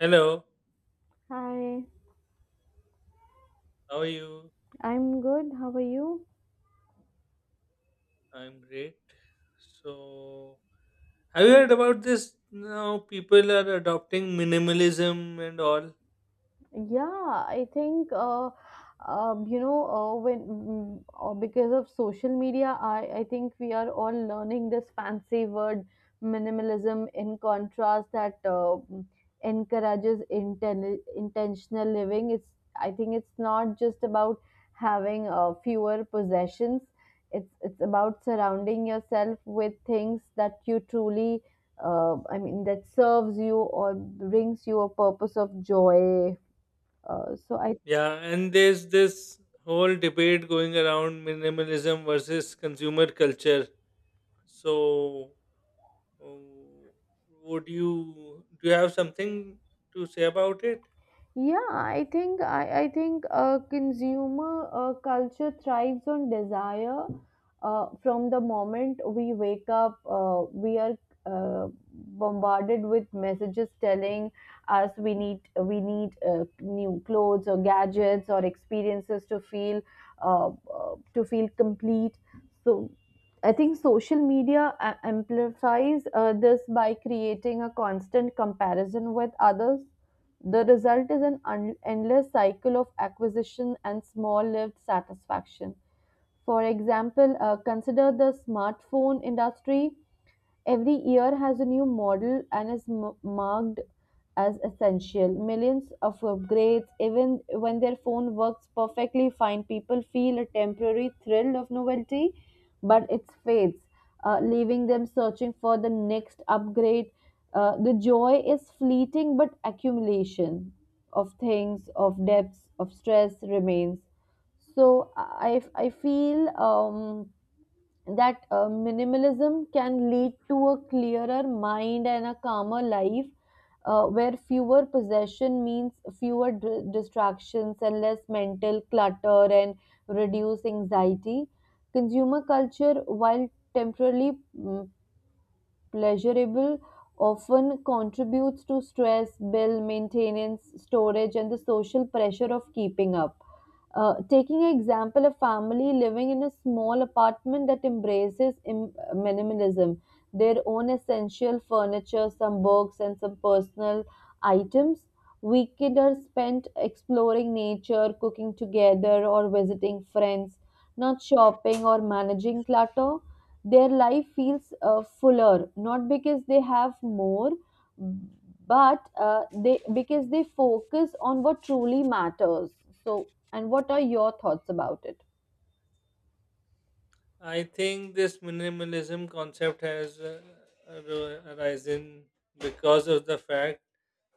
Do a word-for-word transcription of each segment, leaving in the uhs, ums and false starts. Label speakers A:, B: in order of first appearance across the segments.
A: Hello,
B: Hi,
A: how are you?
B: I'm good. How are you?
A: I'm great. So, have you heard about this? Now people are adopting minimalism and all.
B: Yeah, I think uh, um, you know uh, when mm, uh, because of social media, I I think we are all learning this fancy word minimalism, in contrast that uh, mm, encourages inten intentional living. It's I think it's not just about having uh, fewer possessions. It's it's about surrounding yourself with things that you truly, uh, I mean, that serves you or brings you a purpose of joy, uh, so I
A: Yeah, and there's this whole debate going around minimalism versus consumer culture. So, uh, would you do you have something to say about it?
B: yeah, I think I, I think uh, consumer uh, culture thrives on desire. Uh, from the moment we wake up, uh, we are uh, bombarded with messages telling us we need we need uh, new clothes or gadgets or experiences to feel, uh, uh, to feel complete. So I think social media a- amplifies uh, this by creating a constant comparison with others. The result is an un- endless cycle of acquisition and small lived satisfaction. For example, uh, consider the smartphone industry. Every year has a new model and is m- marked as essential. Millions of upgrades, even when their phone works perfectly fine, people feel a temporary thrill of novelty, but it fades, uh, leaving them searching for the next upgrade. Uh, the joy is fleeting, but accumulation of things, of debts, of stress remains. So I, I feel um, that uh, minimalism can lead to a clearer mind and a calmer life, uh, where fewer possession means fewer d- distractions and less mental clutter and reduce anxiety. Consumer culture, while temporarily mm, pleasurable, often contributes to stress, bill maintenance, storage, and the social pressure of keeping up. Uh, taking an example, a family living in a small apartment that embraces im- minimalism, their own essential furniture, some books, and some personal items. Weekend are spent exploring nature, cooking together, or visiting friends, not shopping or managing clutter. Their life feels uh, fuller, not because they have more, but uh, they because they focus on what truly matters. So, and what are your thoughts about it?
A: I think this minimalism concept has uh, ar- arisen because of the fact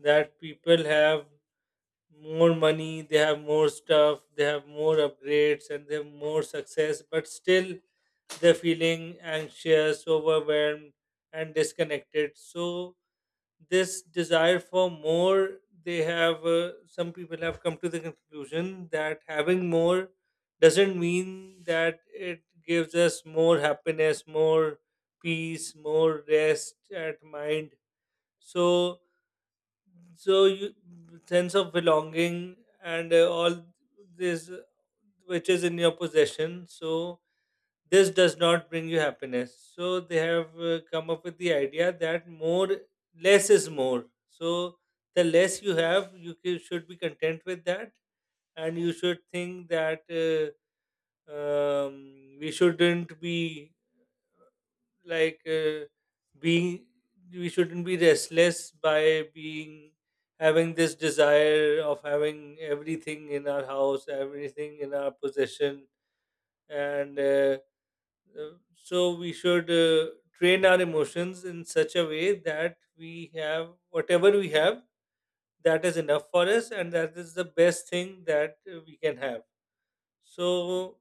A: that people have more money, they have more stuff, they have more upgrades, and they have more success, but still they're feeling anxious, overwhelmed, and disconnected. So this desire for more, they have, uh, some people have come to the conclusion that having more doesn't mean that it gives us more happiness, more peace, more rest at mind. So, so you, sense of belonging and uh, all this which is in your possession. So this does not bring you happiness, so they have uh, come up with the idea that more less is more. So the less you have, you ca- should be content with that, and you should think that uh, um, we shouldn't be like uh, being we shouldn't be restless by being having this desire of having everything in our house, everything in our possession. And uh, Uh, so we should uh, train our emotions in such a way that we have whatever we have, that is enough for us, and that is the best thing that uh, we can have. So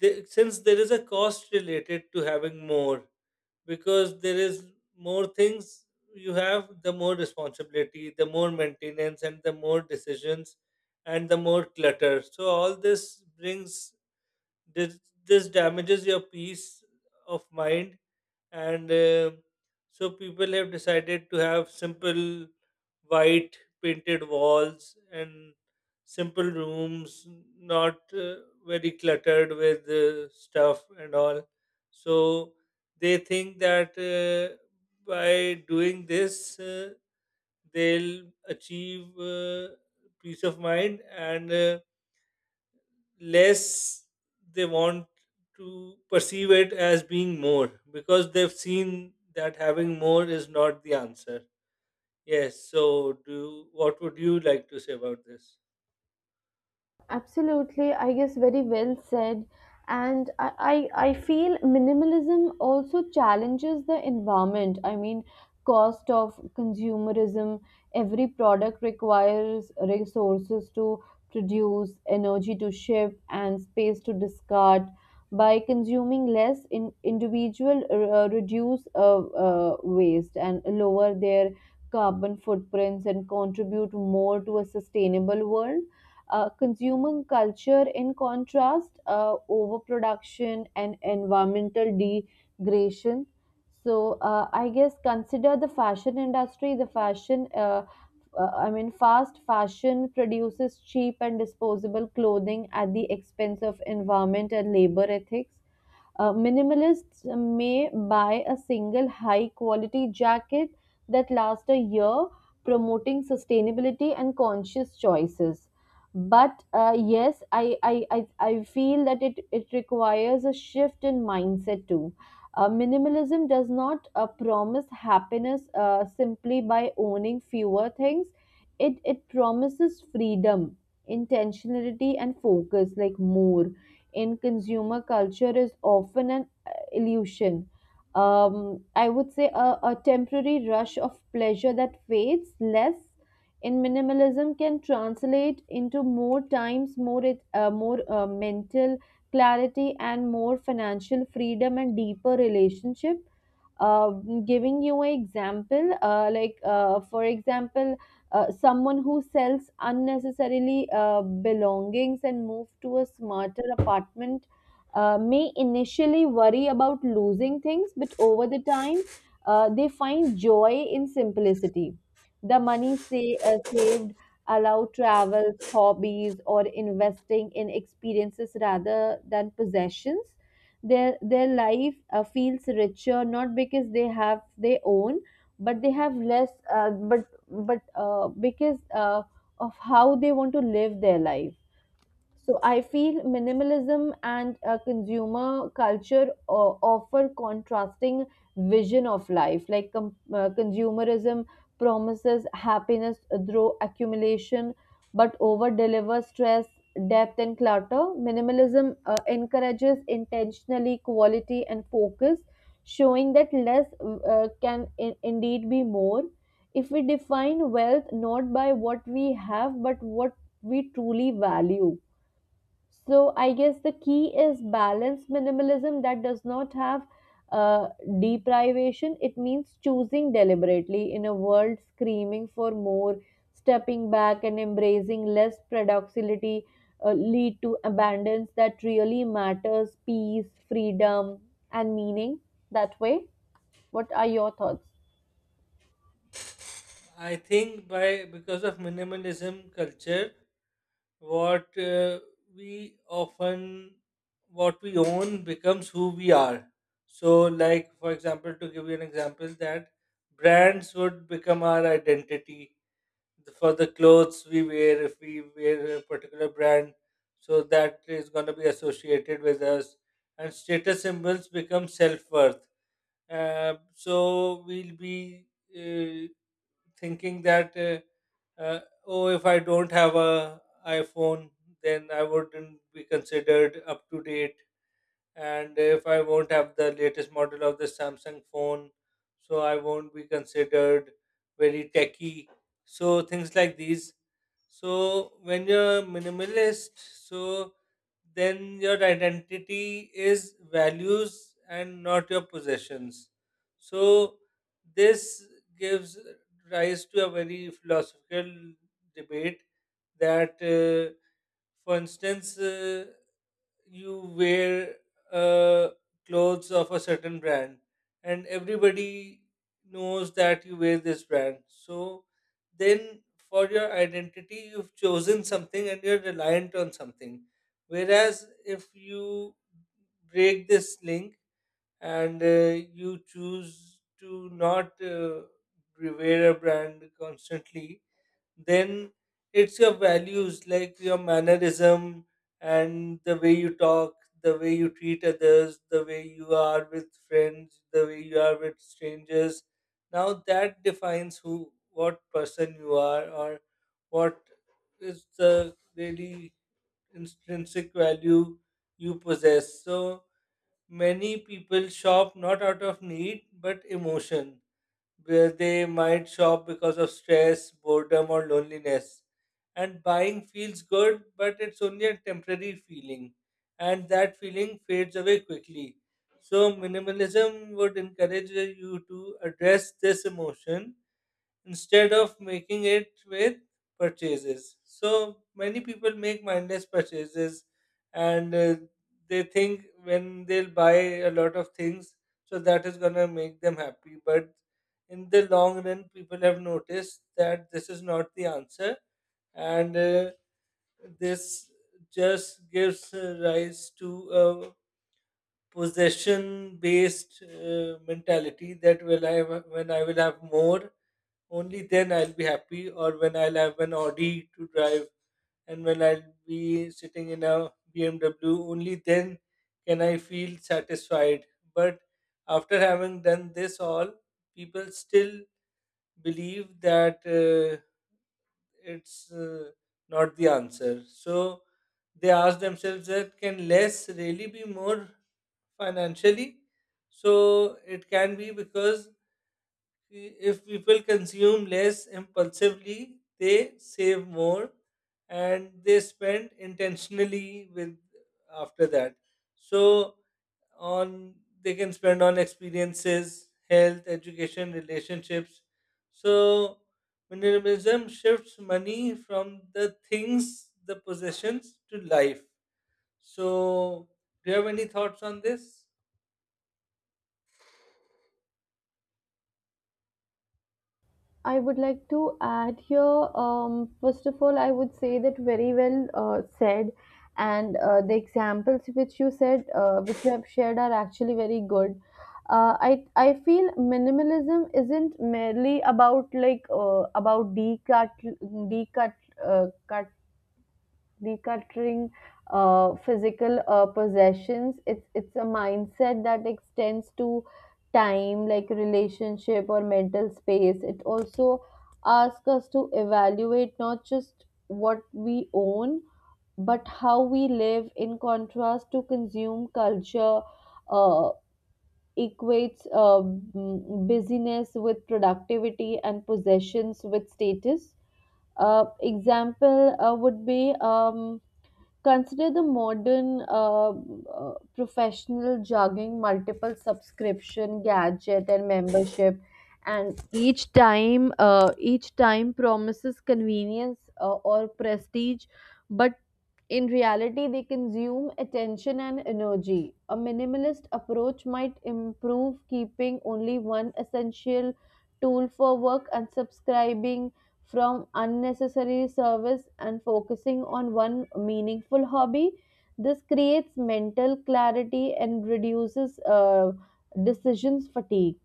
A: the, since there is a cost related to having more, because there is more things you have, the more responsibility, the more maintenance, and the more decisions, and the more clutter. So all this brings this, this damages your peace of mind. And uh, so people have decided to have simple white painted walls and simple rooms, not uh, very cluttered with uh, stuff and all. So they think that uh, by doing this uh, they'll achieve uh, peace of mind and uh, less they want to perceive it as being more, because they've seen that having more is not the answer. Yes, so do what would you like to say about this?
B: Absolutely, I guess very well said. And I, I, I feel minimalism also challenges the environment. I mean, cost of consumerism, every product requires resources to produce, energy to ship, and space to discard. By consuming less, in individual uh, uh, reduce uh, uh, waste and lower their carbon footprints and contribute more to a sustainable world. Uh, consumer culture, in contrast, uh, overproduction and environmental degradation. So, uh, I guess, consider the fashion industry. The fashion, uh, uh, I mean, fast fashion produces cheap and disposable clothing at the expense of environment and labor ethics. Uh, minimalists may buy a single high quality jacket that lasts a year, promoting sustainability and conscious choices. But uh, yes, I, I, I, I feel that it, it requires a shift in mindset too. Uh, minimalism does not uh, promise happiness, uh, simply by owning fewer things. It, it promises freedom, intentionality, and focus, like more in consumer culture is often an uh, illusion. Um, I would say a, a temporary rush of pleasure that fades less in minimalism can translate into more times, more it, uh, more uh, mental clarity, and more financial freedom and deeper relationship. uh, Giving you an example, uh, like uh, for example, uh, someone who sells unnecessarily uh, belongings and move to a smarter apartment, uh, may initially worry about losing things, but over the time, uh, they find joy in simplicity. The money, say, uh, saved, allow travels, hobbies, or investing in experiences rather than possessions. Their their life uh, feels richer, not because they have, they own, but they have less, uh, but but uh, because uh, of how they want to live their life. So I feel minimalism and uh, consumer culture uh, offer contrasting vision of life. Like com- uh, consumerism promises happiness through accumulation, but over delivers stress, depth, and clutter. Minimalism uh, encourages intentionally quality and focus, showing that less uh, can in- indeed be more. If we define wealth not by what we have, but what we truly value. So I guess the key is balance minimalism that does not have uh, deprivation. It means choosing deliberately in a world screaming for more, stepping back and embracing less paradoxicality uh, lead to abundance that really matters, peace, freedom, and meaning. That way, what are your thoughts?
A: I think by because of minimalism culture, what uh, we often what we own becomes who we are. So, like, for example, to give you an example that brands would become our identity, the- for the clothes we wear, if we wear a particular brand, so that is going to be associated with us. And status symbols become self-worth. Uh, so we'll be uh, thinking that uh, uh, oh, if I don't have a iPhone, then I wouldn't be considered up to date. And if I won't have the latest model of the Samsung phone, so I won't be considered very techy. So things like these. So when you're minimalist, so then your identity is values and not your possessions. So this gives rise to a very philosophical debate that, uh, for instance, uh, you wear uh, clothes of a certain brand, and everybody knows that you wear this brand. So then for your identity you've chosen something and you're reliant on something. Whereas if you break this link, and uh, you choose to not uh, wear a brand constantly, then it's your values, like your mannerism and the way you talk, the way you treat others, the way you are with friends, the way you are with strangers. Now that defines who what person you are, or what is the really intrinsic value you possess. So many people shop not out of need but emotion, where they might shop because of stress, boredom, or loneliness. And buying feels good, but it's only a temporary feeling, and that feeling fades away quickly. So, minimalism would encourage you to address this emotion instead of making it with purchases. So many people make mindless purchases, and uh, they think when they'll buy a lot of things, so that is going to make them happy. But in the long run, people have noticed that this is not the answer, and uh, this just gives uh, rise to a possession based uh, mentality that will I when I will have more, only then I'll be happy. Or when I'll have an Audi to drive, and when I'll be sitting in a B M W, only then can I feel satisfied. But after having done this all, people still believe that uh, it's uh, not the answer. So they ask themselves that can less really be more financially? So it can be, because if people consume less impulsively, they save more and they spend intentionally with after that. So on they can spend on experiences, health, education, relationships. So minimalism shifts money from the things, the possessions, to life. So do you have any thoughts on this?
B: I would like to add here, um, first of all, I would say that very well, uh, said. And uh, the examples which you said, uh, which you have shared, are actually very good. Uh, I I feel minimalism isn't merely about, like, uh, about decut decut uh, decluttering uh, physical uh, possessions. It's it's a mindset that extends to time, like relationship or mental space. It also asks us to evaluate not just what we own, but how we live, in contrast to consume culture uh, equates uh, mm, busyness with productivity and possessions with status. Uh, example uh, would be um, Consider the modern uh, uh, professional juggling multiple subscription, gadget, and membership, and each time, uh, each time promises convenience uh, or prestige, but in reality, they consume attention and energy. A minimalist approach might improve keeping only one essential tool for work and subscribing from unnecessary service and focusing on one meaningful hobby. This creates mental clarity and reduces uh, decisions fatigue.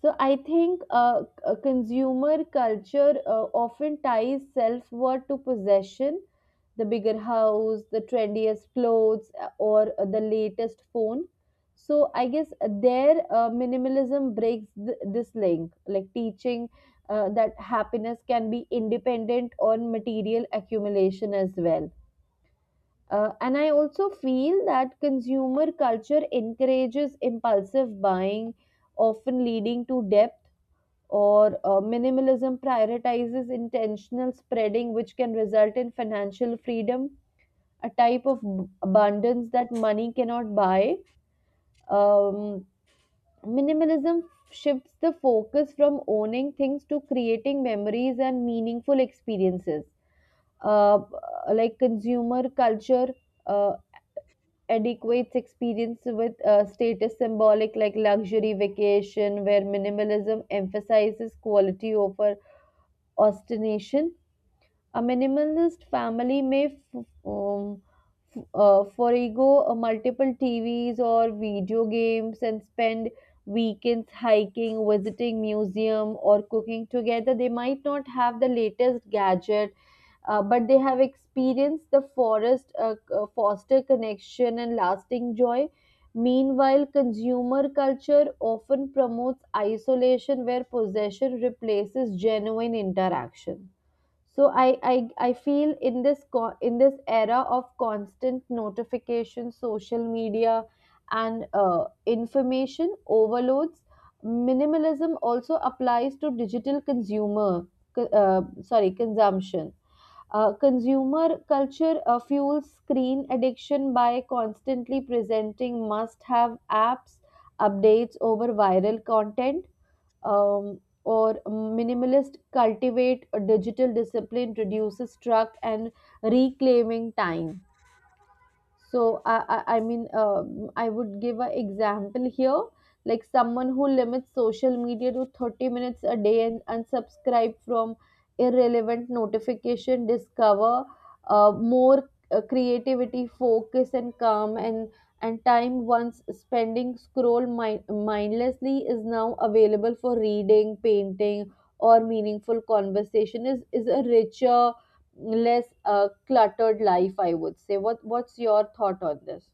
B: So I think uh, c- uh, consumer culture uh, often ties self worth to possession, the bigger house, the trendiest clothes, uh, or uh, the latest phone. So I guess their uh, minimalism breaks th- this link, like teaching uh, that happiness can be independent on material accumulation as well. Uh, and I also feel that consumer culture encourages impulsive buying, often leading to debt, or uh, minimalism prioritizes intentional spreading, which can result in financial freedom, a type of b- abundance that money cannot buy. Um, Minimalism shifts the focus from owning things to creating memories and meaningful experiences. Uh, like consumer culture uh, adequates experience with uh, status symbolic, like luxury vacation, where minimalism emphasizes quality over Ostination. A minimalist family may f- um, f- uh, forego uh, multiple T Vs or video games and spend weekends hiking, visiting museum, or cooking together. They might not have the latest gadget, uh, but they have experienced the forest, uh, uh, foster connection and lasting joy. Meanwhile, consumer culture often promotes isolation where possession replaces genuine interaction. So i i, I feel in this co- in this era of constant notification social media, and uh, information overloads, minimalism also applies to digital consumer co- uh, sorry, consumption. Uh, consumer culture uh, fuels screen addiction by constantly presenting must have apps updates over viral content. Um, or minimalist cultivate a digital discipline reduces truck and reclaiming time. So, I, I, I mean, um I would give an example here, like someone who limits social media to thirty minutes a day and unsubscribe from irrelevant notification, discover uh, more uh, creativity, focus, and calm, and and time once spending scroll mi- mindlessly is now available for reading, painting, or meaningful conversation is is a richer, less uh, cluttered life. I would say, what what's your thought on this?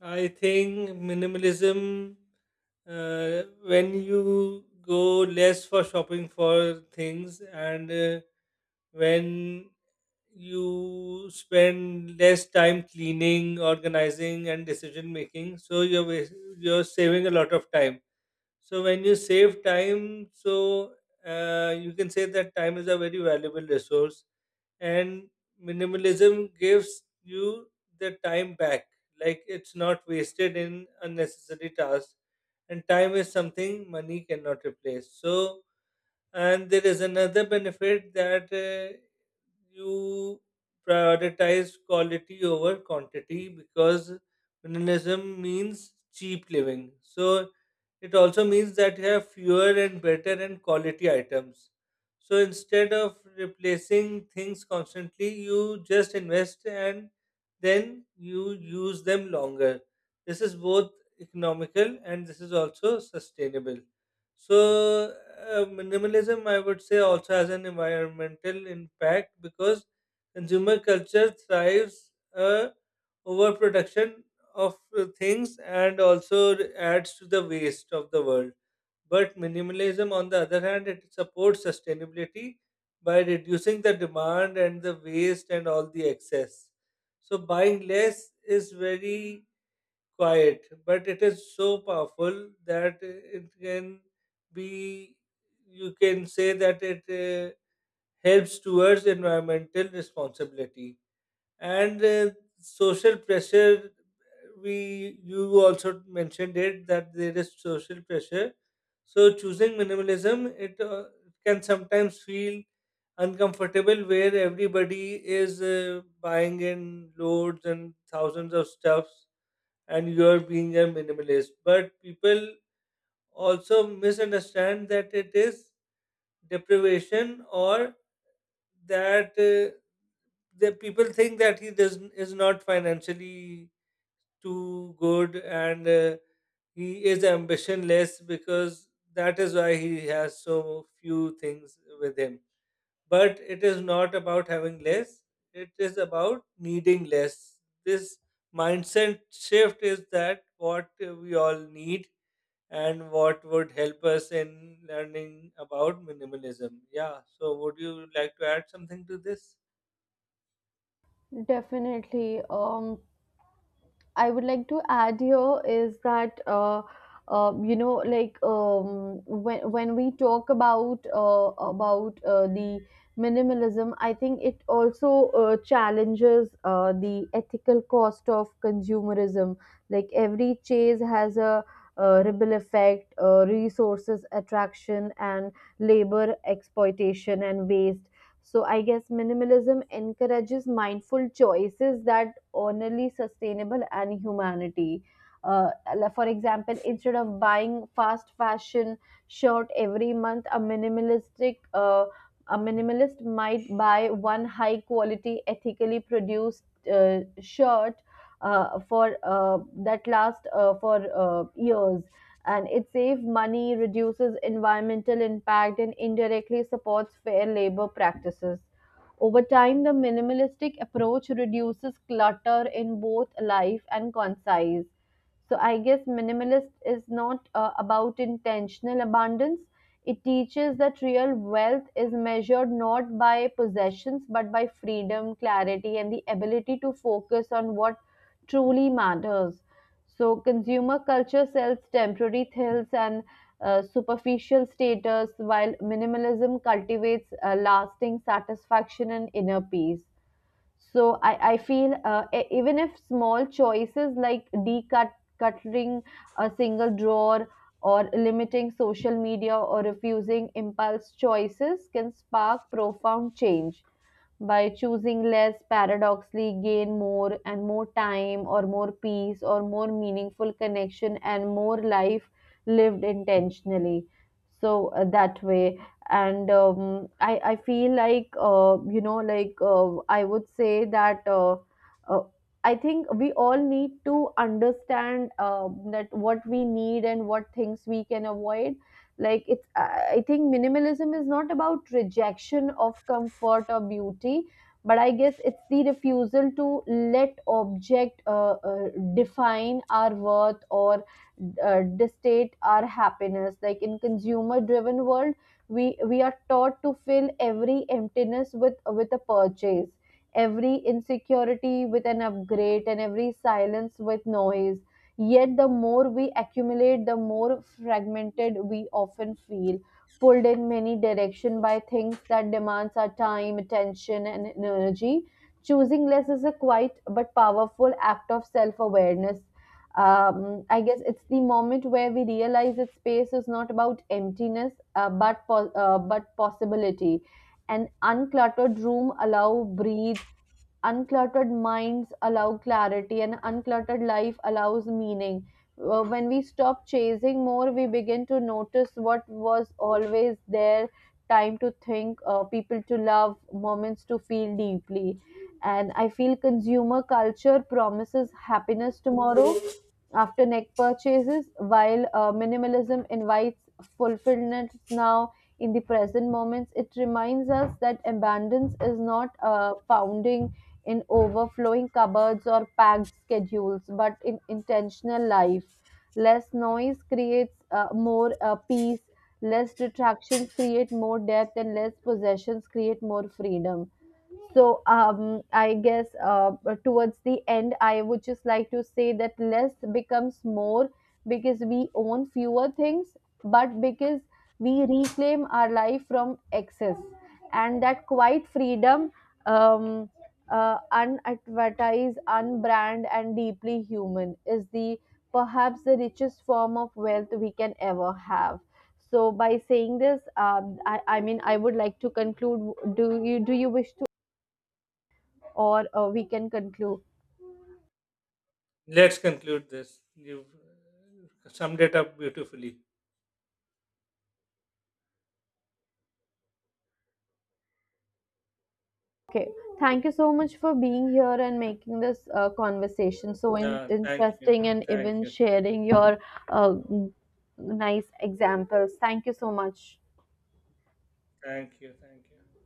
A: I think minimalism, uh, when you go less for shopping for things, and uh, when you spend less time cleaning, organizing, and decision making, so you're wa- you're saving a lot of time. So when you save time, so uh, you can say that time is a very valuable resource, and minimalism gives you the time back, like it's not wasted in unnecessary tasks. And time is something money cannot replace. So, and there is another benefit that uh, you prioritize quality over quantity, because minimalism means cheap living. So it also means that you have fewer and better and quality items. So instead of replacing things constantly, you just invest and then you use them longer. This is both economical and this is also sustainable. So, uh, minimalism, I would say, also has an environmental impact, because consumer culture thrives uh, overproduction of uh, things and also adds to the waste of the world. But minimalism, on the other hand, it supports sustainability by reducing the demand and the waste and all the excess. So, buying less is very quiet, but it is so powerful that it can be, you can say that it uh, helps towards environmental responsibility. And uh, social pressure, we you also mentioned it that there is social pressure. So choosing minimalism, it uh, can sometimes feel uncomfortable, where everybody is uh, buying in loads and thousands of stuffs and you're being a minimalist. But people also misunderstand that it is deprivation, or that uh, the people think that he does is not financially too good, and uh, he is ambitionless because that is why he has so few things with him. But it is not about having less; it is about needing less. This mindset shift is that what uh, we all need and what would help us in learning about minimalism. Yeah, so would you like to add something to this?
B: Definitely. Um, I would like to add here is that uh, uh, you know, like, um, when when we talk about uh, about uh, the minimalism, I think it also uh, challenges uh, the ethical cost of consumerism. Like every chase has a uh, ripple effect, uh, resources attraction, and labor exploitation and waste. So I guess minimalism encourages mindful choices that only sustainable and humanity. Uh, like, for example, instead of buying fast fashion shirt every month, a minimalistic uh, a minimalist might buy one high quality, ethically produced uh, shirt uh, for uh, that lasts uh, for uh, years, and it saves money, reduces environmental impact, and indirectly supports fair labor practices. Over time, the minimalistic approach reduces clutter in both life and concise. So, I guess minimalist is not uh, about intentional abundance. It teaches that real wealth is measured not by possessions but by freedom, clarity, and the ability to focus on what truly matters. So consumer culture sells temporary thrills and uh, superficial status, while minimalism cultivates uh, lasting satisfaction and inner peace. So I, I feel uh, e- even if small choices, like decut decluttering a single drawer or limiting social media or refusing impulse choices, can spark profound change. By choosing less, paradoxically gain more and more time or more peace or more meaningful connection and more life lived intentionally. So, uh, that way. And um, I, I feel like, uh, you know like uh, I would say that uh, uh, I think we all need to understand uh, that what we need and what things we can avoid, like, it's I I think minimalism is not about rejection of comfort or beauty, but I guess it's the refusal to let object uh, uh, define our worth or uh, dictate our happiness, like in consumer driven world, we we are taught to fill every emptiness with with a purchase, every insecurity with an upgrade, and every silence with noise. Yet the more we accumulate, the more fragmented we often feel, pulled in many directions by things that demands our time, attention, and energy. Choosing less is a quiet but powerful act of self awareness. um, I guess it's the moment where we realize that space is not about emptiness, uh, but po- uh, but possibility. An uncluttered room allow breathe. Uncluttered minds allow clarity, and uncluttered life allows meaning. Uh, when we stop chasing more, we begin to notice what was always there. Time to think, uh, people to love, moments to feel deeply. And I feel consumer culture promises happiness tomorrow after neck purchases, while uh, minimalism invites fulfillment now, in the present moments. It reminds us that abundance is not uh, founding in overflowing cupboards or packed schedules, but in intentional life. Less noise creates uh, more uh, peace, less distractions create more depth, and less possessions create more freedom. So, um, I guess, uh, towards the end, I would just like to say that less becomes more, because we own fewer things, but because we reclaim our life from excess. And that quiet freedom, um, uh, unadvertised, unbrand, and deeply human, is the perhaps the richest form of wealth we can ever have. So, by saying this, um, I, I mean, I would like to conclude. Do you do you wish to, or uh, we can conclude.
A: Let's conclude this. You've uh, summed it up beautifully.
B: Okay, thank you so much for being here and making this uh, conversation so in-
A: Yeah, thank you.
B: interesting, and
A: Thank
B: even
A: you.
B: sharing your uh, nice examples. Thank you so much.
A: Thank you. Thank you.